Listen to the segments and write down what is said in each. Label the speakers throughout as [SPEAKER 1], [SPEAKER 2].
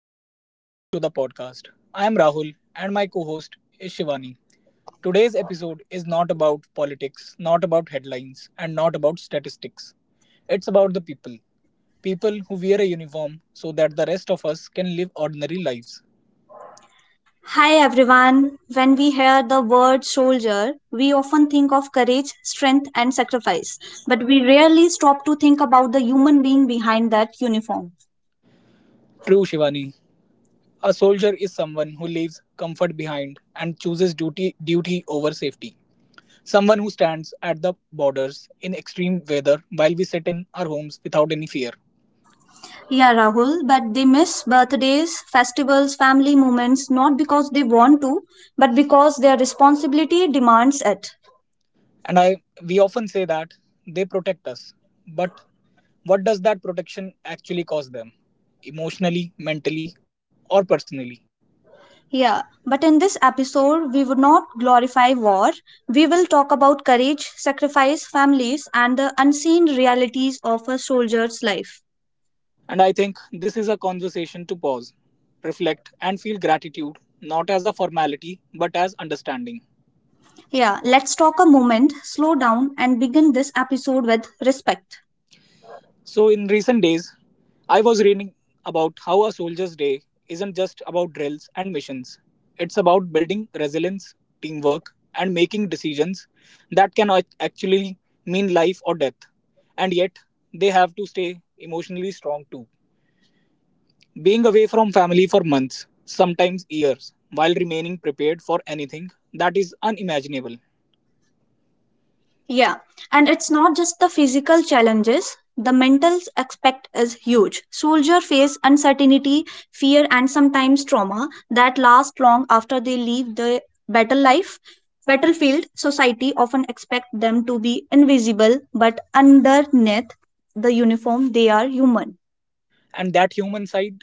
[SPEAKER 1] hello and welcome to the podcast. I am Rahul and my co host is Shivani. Today's episode is not about politics, not about headlines, and not about statistics. It's about the people. People who wear a uniform so that the rest of us can live ordinary lives.
[SPEAKER 2] Hi everyone. When we hear the word soldier, we often think of courage, strength, and sacrifice, but we rarely stop to think about the human being behind that uniform.
[SPEAKER 1] True, Shivani. A soldier is someone who leaves comfort behind and chooses duty over safety. Someone who stands at the borders in extreme weather while we sit in our homes without any fear.
[SPEAKER 2] Yeah, Rahul, but they miss birthdays, festivals, family moments not because they want to, but because their responsibility demands it.
[SPEAKER 1] And I We often say that they protect us. But what does that protection actually cost them? Emotionally, mentally, or personally?
[SPEAKER 2] Yeah, but in this episode, we would not glorify war. We will talk about courage, sacrifice, families, and the unseen realities of a soldier's life.
[SPEAKER 1] And I think this is a conversation to pause, reflect, and feel gratitude, not as a formality, but as understanding.
[SPEAKER 2] Yeah, let's talk a moment, slow down, and begin this episode with respect.
[SPEAKER 1] So, in recent days, I was reading about how a soldier's day isn't just about drills and missions. It's about building resilience, teamwork, and making decisions that actually mean life or death. And yet, they have to stay emotionally strong too. Being away from family for months, sometimes years, while remaining prepared for anything that is unimaginable.
[SPEAKER 2] Yeah, and it's not just the physical challenges, the mental aspect is huge. Soldiers face uncertainty, fear, and sometimes trauma that last long after they leave the battle life. Battlefield society often expect them to be invisible, but underneath the uniform, they are human.
[SPEAKER 1] And that human side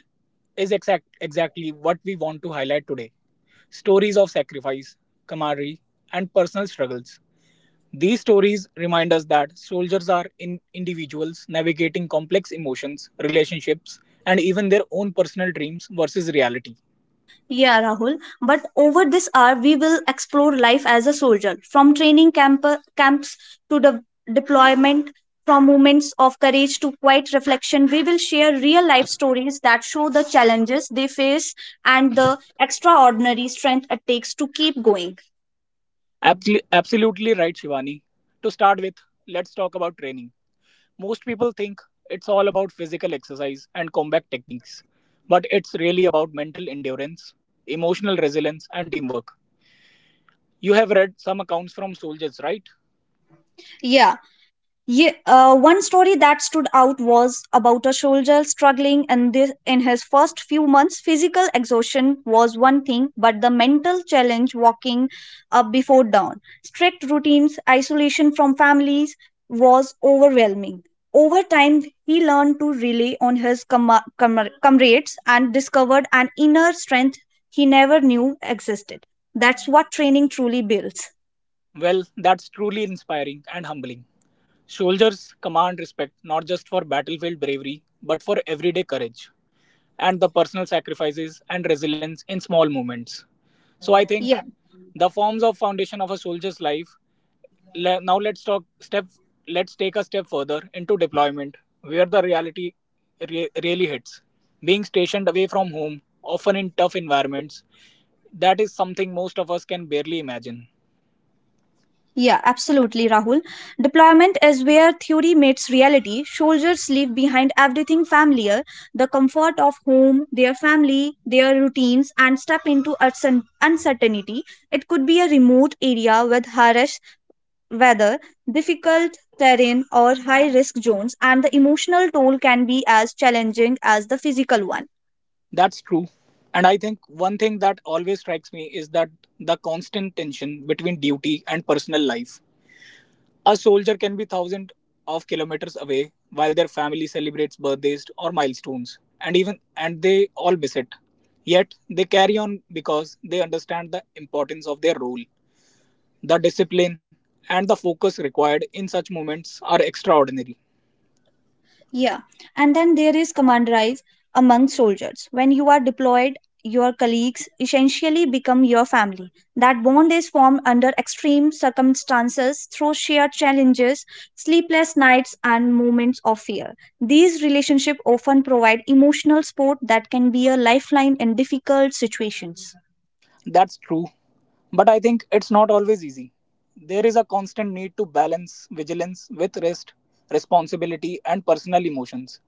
[SPEAKER 1] is exactly what we want to highlight today. Stories of sacrifice, camaraderie, and personal struggles. These stories remind us that soldiers are in individuals navigating complex emotions, relationships, and even their own personal dreams versus reality.
[SPEAKER 2] Yeah, Rahul. But over this hour, we will explore life as a soldier from camps to the deployment, from moments of courage to quiet reflection. We will share real life stories that show the challenges they face and the extraordinary strength it takes to keep going.
[SPEAKER 1] Absolutely right, Shivani. To start with, let's talk about training. Most people think it's all about physical exercise and combat techniques, but it's really about mental endurance, emotional resilience, and teamwork. You have read some accounts from soldiers, right?
[SPEAKER 2] Yeah, one story that stood out was about a soldier struggling in his first few months. Physical exhaustion was one thing, but the mental challenge walking up before dawn, strict routines, isolation from families was overwhelming. Over time, he learned to rely on his comrades and discovered an inner strength he never knew existed. That's what training truly builds.
[SPEAKER 1] Well, that's truly inspiring and humbling. Soldiers command respect not just for battlefield bravery, but for everyday courage and the personal sacrifices and resilience in small moments. So I think the forms of foundation of a soldier's life le- now let's talk step let's take a step further into deployment where the reality really hits, being stationed away from home often in tough environments. That is something most of us can barely imagine.
[SPEAKER 2] Yeah, absolutely, Rahul. Deployment is where theory meets reality. Soldiers leave behind everything familiar the comfort of home, their family, their routines, and step into uncertainty. It could be a remote area with harsh weather, difficult terrain, or high risk zones, and the emotional toll can be as challenging as the physical one.
[SPEAKER 1] That's true. And I think one thing that always strikes me is that the constant tension between duty and personal life. A soldier can be thousands of kilometers away while their family celebrates birthdays or milestones, and even and they all miss it. Yet they carry on because they understand the importance of their role. The discipline and the focus required in such moments are extraordinary.
[SPEAKER 2] Yeah, and then there is camaraderie among soldiers. When you are deployed, your colleagues essentially become your family. That bond is formed under extreme circumstances through shared challenges, sleepless nights, and moments of fear. These relationships often provide emotional support that can be a lifeline in difficult situations.
[SPEAKER 1] That's true, but I think it's not always easy. There is a constant need to balance vigilance with rest, responsibility, and personal emotions.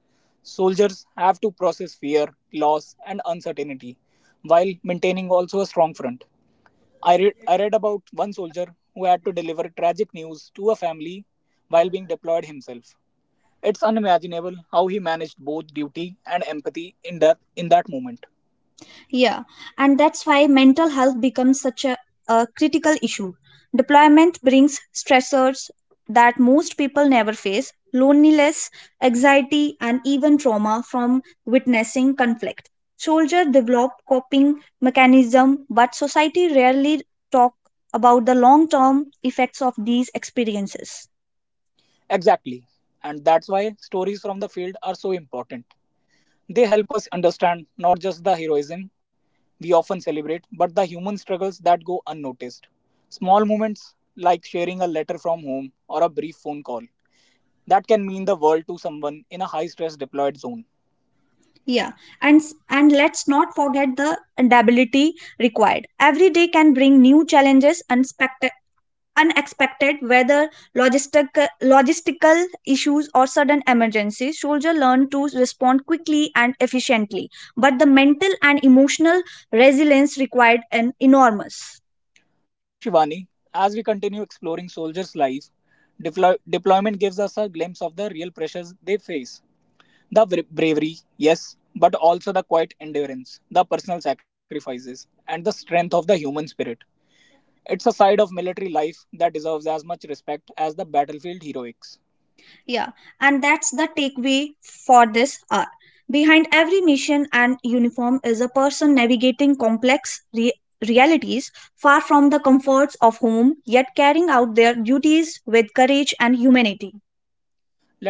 [SPEAKER 1] Soldiers have to process fear, loss, and uncertainty while maintaining also a strong front. I read about one soldier who had to deliver tragic news to a family while being deployed himself. It's unimaginable how he managed both duty and empathy in that moment.
[SPEAKER 2] Yeah, and that's why mental health becomes such a critical issue. Deployment brings stressors that most people never face loneliness, anxiety, and even trauma from witnessing conflict. Soldiers develop coping mechanism, but society rarely talk about the long-term effects of these experiences.
[SPEAKER 1] Exactly. And that's why stories from the field are so important. They help us understand not just the heroism we often celebrate, but the human struggles that go unnoticed. Small moments like sharing a letter from home or a brief phone call that can mean the world to someone in a high stress deployed zone.
[SPEAKER 2] Yeah, and and let's not forget the adaptability required. Every day can bring new challenges and unexpected weather, logistical issues or sudden emergencies soldiers learn to respond quickly and efficiently but the mental and emotional resilience required an enormous
[SPEAKER 1] So, Shivani, as we continue exploring soldiers' life, deployment gives us a glimpse of the real pressures they face. The bravery, yes, but also the quiet endurance, the personal sacrifices, and the strength of the human spirit. It's a side of military life that deserves as much respect as the battlefield heroics.
[SPEAKER 2] yeah and that's the takeaway for this hour behind every mission and uniform is a person navigating complex realities far from the comforts of home yet carrying out their duties with courage and humanity.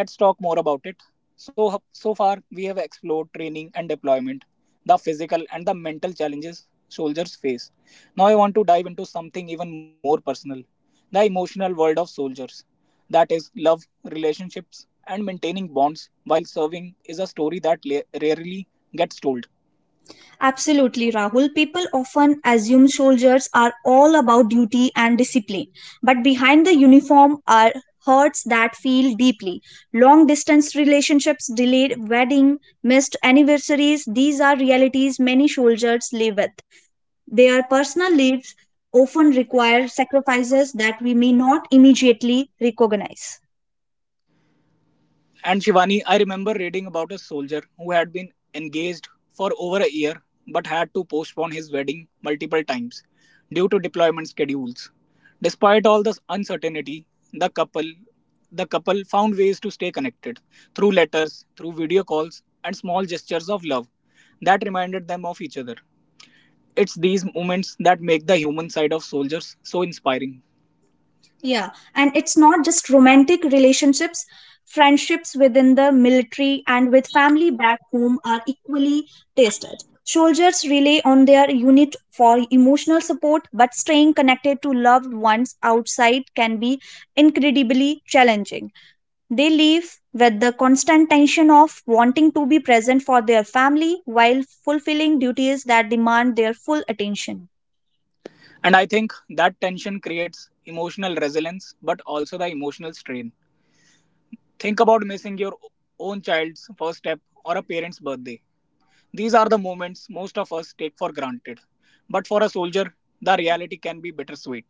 [SPEAKER 1] Let's talk more about it. So, so far, we have explored training and deployment, the physical and the mental challenges soldiers face. Now, I want to dive into something even more personal, the emotional world of soldiers. That is, love, relationships, and maintaining bonds while serving is a story that rarely gets told.
[SPEAKER 2] Absolutely, Rahul. People often assume soldiers are all about duty and discipline, but behind the uniform are hurts that feel deeply. Long distance relationships, delayed wedding, missed anniversaries, these are realities many soldiers live with. Their personal lives often require sacrifices that we may not immediately recognize.
[SPEAKER 1] And Shivani, I remember reading about a soldier who had been engaged for over a year but had to postpone his wedding multiple times due to deployment schedules. Despite all this uncertainty, the couple the couple found ways to stay connected through letters, through video calls, and small gestures of love that reminded them of each other. It's these moments that make the human side of soldiers so inspiring.
[SPEAKER 2] Yeah, and it's not just romantic relationships, friendships within the military and with family back home are equally tested. Soldiers rely on their unit for emotional support, but staying connected to loved ones outside can be incredibly challenging. They live with the constant tension of wanting to be present for their family while fulfilling duties that demand their full attention.
[SPEAKER 1] And I think that tension creates emotional resilience but also the emotional strain. Think about missing your own child's first step or a parent's birthday. These are the moments most of us take for granted. But for a soldier, the reality can be bittersweet.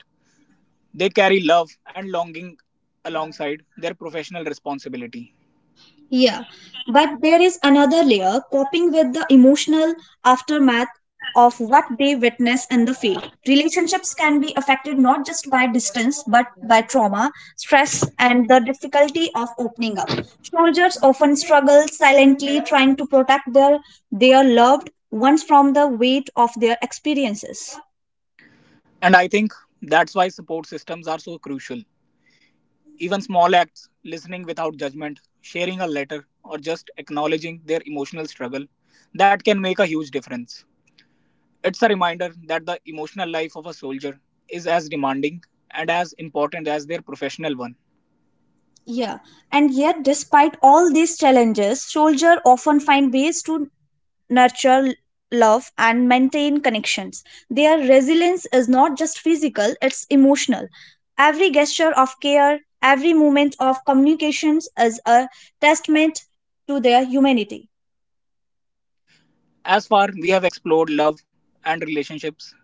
[SPEAKER 1] They carry love and longing alongside their professional responsibility.
[SPEAKER 2] Yeah, but there is another layer coping with the emotional aftermath of what they witness in the field. Relationships can be affected not just by distance but by trauma, stress, and the difficulty of opening up. Soldiers often struggle silently trying to protect their loved ones from the weight of their experiences.
[SPEAKER 1] And I think that's why support systems are so crucial. Even small acts, listening without judgment, sharing a letter, or just acknowledging their emotional struggle, that can make a huge difference. It's a reminder that the emotional life of a soldier is as demanding and as important as their professional one.
[SPEAKER 2] Yeah, and yet despite all these challenges, soldiers often find ways to nurture love and maintain connections. Their resilience is not just physical, it's emotional. Every gesture of care, every moment of communications is a testament to their humanity.
[SPEAKER 1] As far we have explored love and relationships,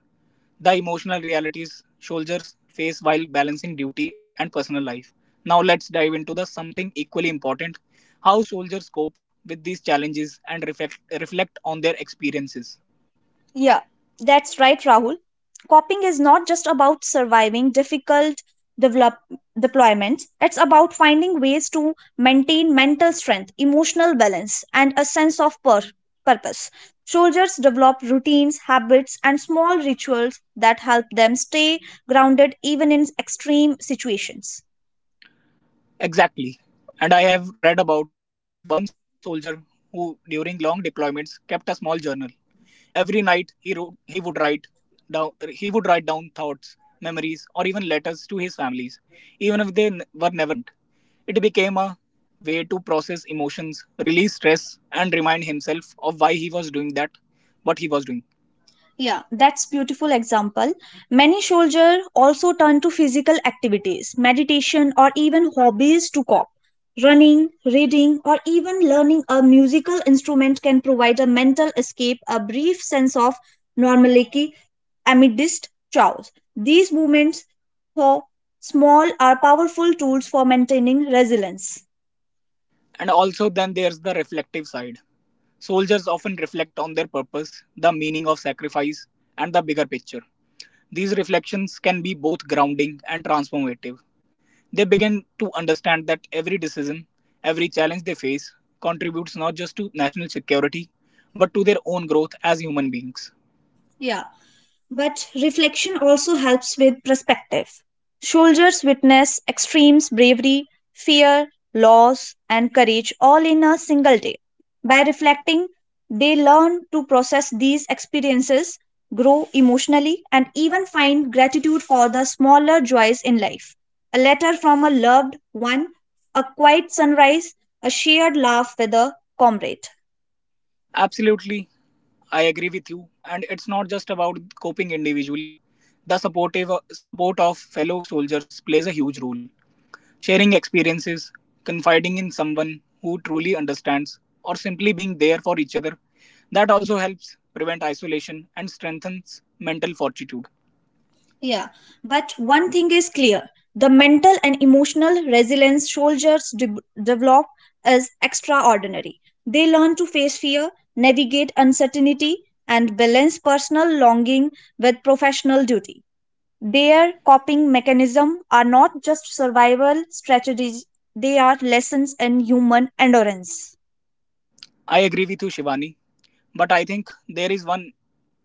[SPEAKER 1] the emotional realities soldiers face while balancing duty and personal life. Now let's dive into the something equally important, how soldiers cope with these challenges and reflect on their experiences.
[SPEAKER 2] Yeah, that's right, Rahul. Coping is not just about surviving difficult develop deployments. It's about finding ways to maintain mental strength, emotional balance, and a sense of purpose. Soldiers develop routines, habits, and small rituals that help them stay grounded even in extreme situations.
[SPEAKER 1] Exactly. And I have read about one soldier who during long deployments kept a small journal. Every night he would write down thoughts, memories, or even letters to his families, even if were never sent. It became a way to process emotions, release stress, and remind himself of why he was doing that, what he was doing.
[SPEAKER 2] Yeah, that's beautiful example. Many soldiers also turn to physical activities, meditation or even hobbies to cope. Running, reading or even learning a musical instrument can provide a mental escape, a brief sense of normality amidst chaos. These movements, though small, are powerful tools for maintaining resilience.
[SPEAKER 1] And also, then there's the reflective side. Soldiers often reflect on their purpose, the meaning of sacrifice, and the bigger picture. These reflections can be both grounding and transformative. They begin to understand that every decision, every challenge they face, contributes not just to national security, but to their own growth as human beings.
[SPEAKER 2] Yeah, but reflection also helps with perspective. Soldiers witness extremes, bravery, fear, loss, and courage all in a single day. By reflecting, they learn to process these experiences, grow emotionally, and even find gratitude for the smaller joys in life. A letter from a loved one, a quiet sunrise, a shared laugh with a comrade.
[SPEAKER 1] Absolutely, I agree with you, and it's not just about coping individually. The support of fellow soldiers plays a huge role. Sharing experiences, confiding in someone who truly understands, or simply being there for each other, that also helps prevent isolation and strengthens mental fortitude.
[SPEAKER 2] Yeah, but one thing is clear the mental and emotional resilience soldiers develop is extraordinary. They learn to face fear, navigate uncertainty, and balance personal longing with professional duty. Their coping mechanism are not just survival strategies, they are lessons in human endurance.
[SPEAKER 1] I agree with you, Shivani. But I think there is one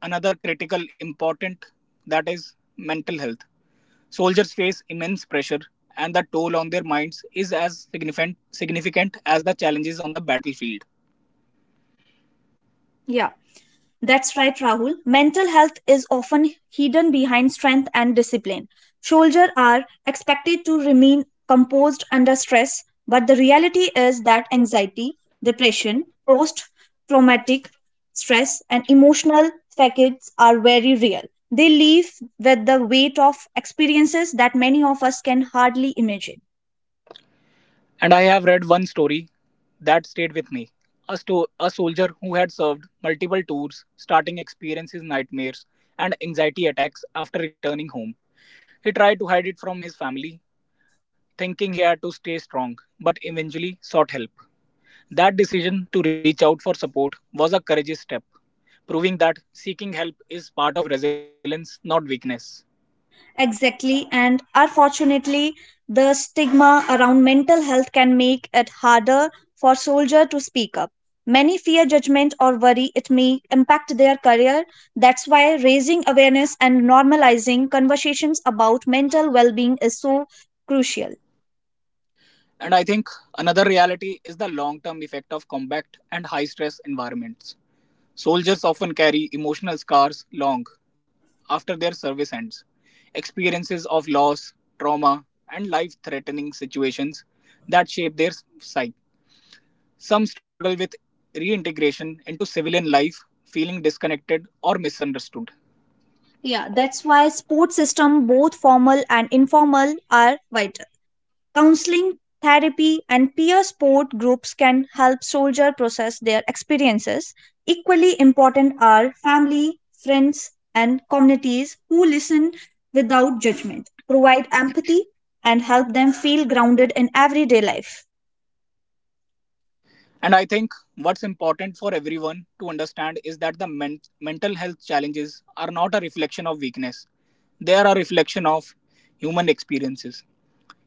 [SPEAKER 1] another critical important, that is mental health. Soldiers face immense pressure, and the toll on their minds is as significant as the challenges on the battlefield.
[SPEAKER 2] Yeah. That's right, Rahul. Mental health is often hidden behind strength and discipline. Soldiers are expected to remain composed under stress, but the reality is that anxiety, depression, post traumatic stress, and emotional fatigues are very real. They leave with the weight of experiences that many of us can hardly imagine.
[SPEAKER 1] And I have read one story that stayed with me. A soldier who had served multiple tours, starting experiences nightmares and anxiety attacks after returning home. He tried to hide it from his family, thinking he had to stay strong, but eventually sought help. That decision to reach out for support was a courageous step, proving that seeking help is part of resilience, not weakness.
[SPEAKER 2] Exactly, and unfortunately, the stigma around mental health can make it harder for soldier to speak up. Many fear judgment or worry it may impact their career. That's why raising awareness and normalizing conversations about mental well-being is so crucial.
[SPEAKER 1] And I think another reality is the long term effect of combat and high stress environments. Soldiers often carry emotional scars long after their service ends. Experiences of loss, trauma, and life threatening situations that shape their psyche. Some struggle with reintegration into civilian life, feeling disconnected or misunderstood.
[SPEAKER 2] Yeah, that's why sports system both formal and informal are vital. Counseling, therapy, and peer support groups can help soldiers process their experiences. Equally important are family, friends, and communities who listen without judgment, provide empathy, and help them feel grounded in everyday life.
[SPEAKER 1] And I think what's important for everyone to understand is that the mental health challenges are not a reflection of weakness, they are a reflection of human experiences.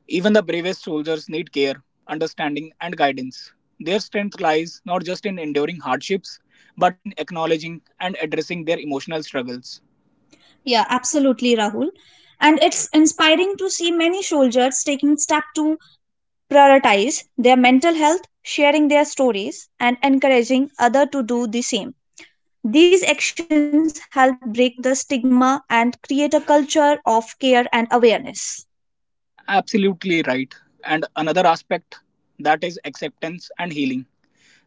[SPEAKER 1] Even the bravest soldiers need care, understanding, and guidance. Their strength lies not just in enduring hardships, but in acknowledging and addressing their emotional struggles.
[SPEAKER 2] Yeah, absolutely, Rahul. And it's inspiring to see many soldiers taking steps to prioritize their mental health, sharing their stories, and encouraging others to do the same. These actions help break the stigma and create a culture of care and awareness.
[SPEAKER 1] Absolutely right. And another aspect, that is acceptance and healing.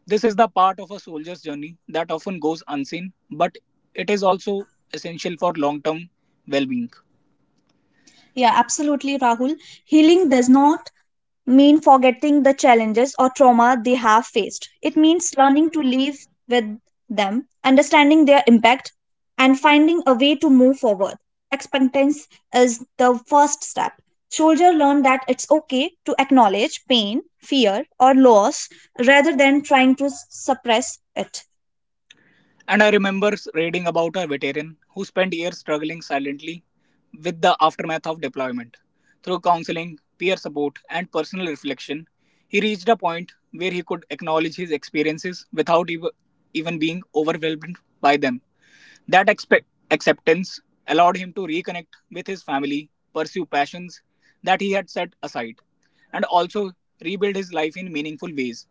[SPEAKER 1] This is the part of a soldier's journey that often goes unseen, but it is also essential for long term well being.
[SPEAKER 2] Yeah, absolutely, Rahul. Healing does not mean forgetting the challenges or trauma they have faced, it means learning to live with them, understanding their impact, and finding a way to move forward. Acceptance is the first step. Soldier learn that it's okay to acknowledge pain, fear, or loss rather than trying to suppress it.
[SPEAKER 1] And I remember reading about a veteran who spent years struggling silently with the aftermath of deployment. Through counseling, peer support, and personal reflection, he reached a point where he could acknowledge his experiences without even being overwhelmed by them. That acceptance allowed him to reconnect with his family, pursue passions that he had set aside, and also rebuild his life in meaningful ways.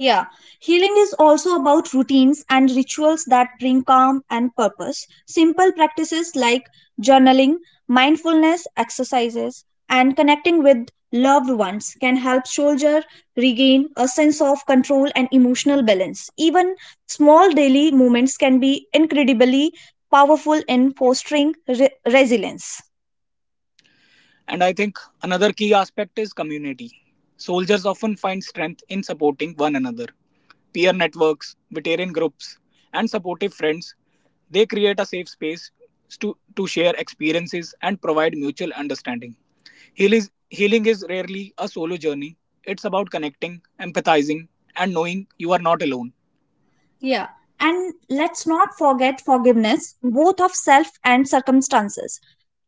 [SPEAKER 2] Yeah, healing is also about routines and rituals that bring calm and purpose. Simple practices like journaling, mindfulness exercises, and connecting with loved ones can help soldier regain a sense of control and emotional balance. Even small daily movements can be incredibly powerful in fostering resilience.
[SPEAKER 1] And I think another key aspect is community. Soldiers often find strength in supporting one another. Peer networks, veteran groups, and supportive friends, they create a safe space to share experiences and provide mutual understanding. Healing is rarely a solo journey, it's about connecting, empathizing, and knowing you are not alone.
[SPEAKER 2] Yeah. And let's not forget forgiveness, both of self and circumstances.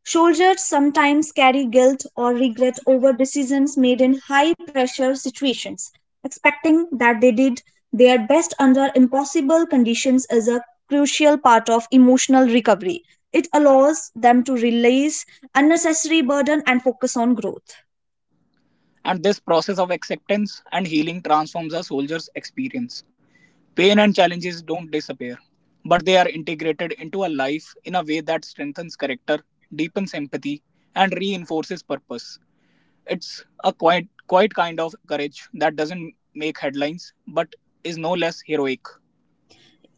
[SPEAKER 2] Soldiers sometimes carry guilt or regret over decisions made in high pressure situations, expecting that they did their best under impossible conditions is a crucial part of emotional recovery. It allows them to release unnecessary burden and focus on growth.
[SPEAKER 1] And this process of acceptance and healing transforms a soldier's experience. Pain and challenges don't disappear, but they are integrated into a life in a way that strengthens character, deepens empathy, and reinforces purpose. It's a quiet kind of courage that doesn't make headlines but is no less heroic.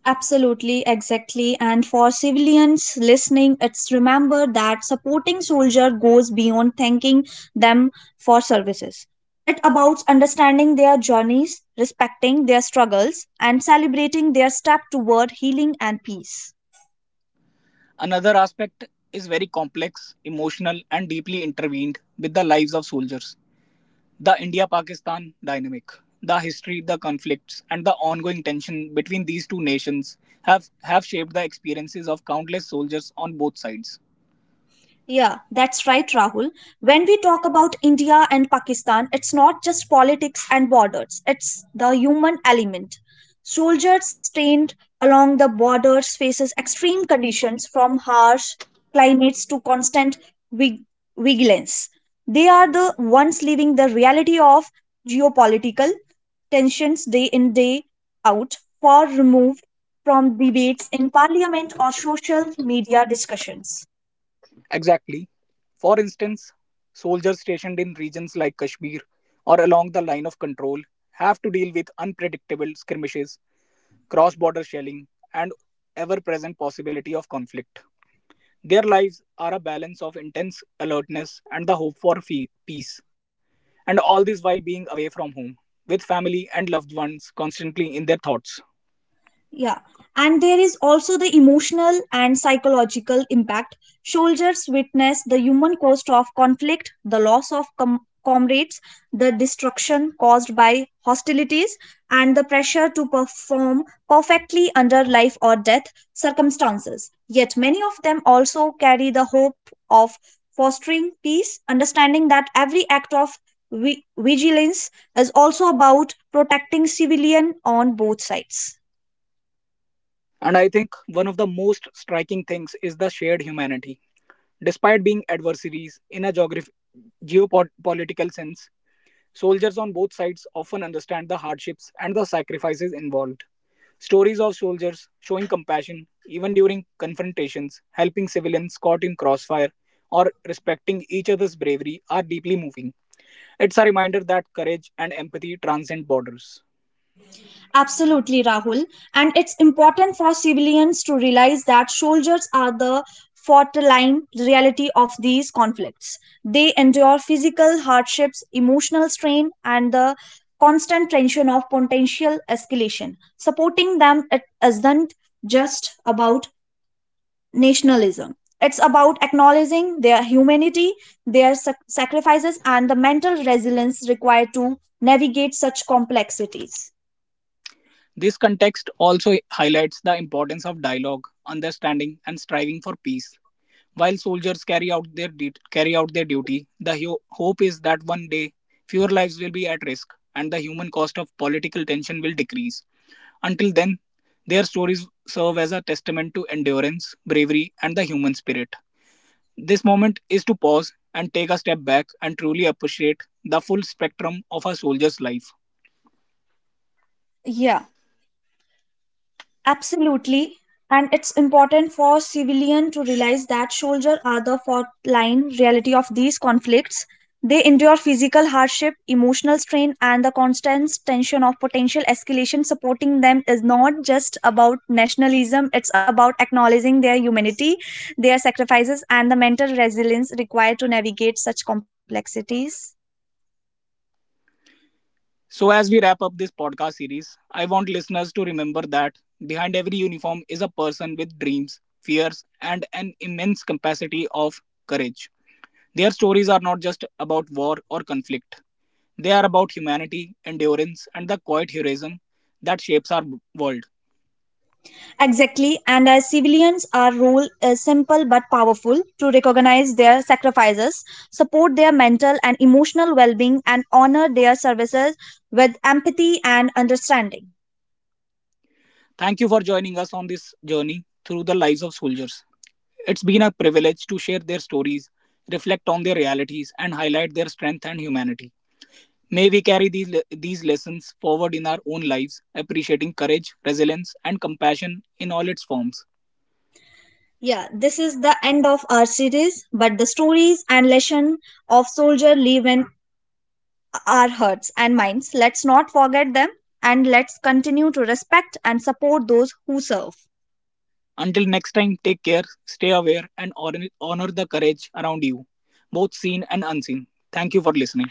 [SPEAKER 2] Absolutely, exactly. And for civilians listening, it's remember that supporting soldier goes beyond thanking them for services. It about understanding their journeys, respecting their struggles, and celebrating their step toward healing and peace.
[SPEAKER 1] Another aspect is very complex, emotional, and deeply intertwined with the lives of soldiers. The India Pakistan dynamic, the history, the conflicts, and the ongoing tension between these two nations have shaped the experiences of countless soldiers on both sides.
[SPEAKER 2] Yeah, that's right, Rahul. When we talk about India and Pakistan, it's not just politics and borders, it's the human element. Soldiers trained along the borders faces extreme conditions from harsh climates to constant vig- vigilance. They are the ones living the reality of geopolitical tensions day in day out far removed from debates in parliament or social media discussions.
[SPEAKER 1] Exactly. For instance, soldiers stationed in regions like Kashmir or along the line of control have to deal with unpredictable skirmishes, cross border shelling, and ever present possibility of conflict. Their lives are a balance of intense alertness and the hope for peace. And all this while being away from home, with family and loved ones constantly in their thoughts.
[SPEAKER 2] Yeah. And there is also the emotional and psychological impact. Soldiers witness the human cost of conflict, the loss of comrades, the destruction caused by hostilities, and the pressure to perform perfectly under life or death circumstances. Yet many of them also carry the hope of fostering peace, understanding that every act of vigilance is also about protecting civilian on both sides.
[SPEAKER 1] And I think one of the most striking things is the shared humanity. Despite being adversaries in a geopolitical sense, soldiers on both sides often understand the hardships and the sacrifices involved. Stories of soldiers showing compassion even during confrontations, helping civilians caught in crossfire, or respecting each other's bravery are deeply moving. It's a reminder that courage and empathy transcend borders.
[SPEAKER 2] Absolutely, Rahul. And it's important for civilians to realize that soldiers are the frontline reality of these conflicts. They endure physical hardships, emotional strain, and the constant tension of potential escalation. Supporting them it isn't just about nationalism. It's about acknowledging their humanity, their sacrifices, and the mental resilience required to navigate such complexities.
[SPEAKER 1] This context also highlights the importance of dialogue, understanding, and striving for peace. While soldiers carry out their duty, the hope is that one day fewer lives will be at risk and the human cost of political tension will decrease. Until then, their stories serve as a testament to endurance, bravery, and the human spirit. This moment is to pause and take a step back and truly appreciate the full spectrum of a soldier's life.
[SPEAKER 2] Yeah. Absolutely. And it's important for civilian to realize that soldiers are the front line reality of these conflicts. They endure physical hardship, emotional strain, and the constant tension of potential escalation. Supporting them is not just about nationalism, it's about acknowledging their humanity, their sacrifices, and the mental resilience required to navigate such complexities.
[SPEAKER 1] So, as we wrap up this podcast series, I want listeners to remember that behind every uniform is a person with dreams, fears, and an immense capacity of courage. Their stories are not just about war or conflict, they are about humanity, endurance, and the quiet heroism that shapes our world.
[SPEAKER 2] Exactly, and as civilians, our role is simple but powerful to recognize their sacrifices, support their mental and emotional well being, and honor their services with empathy and understanding.
[SPEAKER 1] Thank you for joining us on this journey through the lives of soldiers. It's been a privilege to share their stories, reflect on their realities, and highlight their strength and humanity. May we carry these lessons forward in our own lives, appreciating courage, resilience, and compassion in all its forms.
[SPEAKER 2] Yeah, this is the end of our series, but the stories and lessons of soldier live in our hearts and minds. Let's not forget them and let's continue to respect and support those who serve.
[SPEAKER 1] Until next time, take care, stay aware, and honor the courage around you, both seen and unseen. Thank you for listening.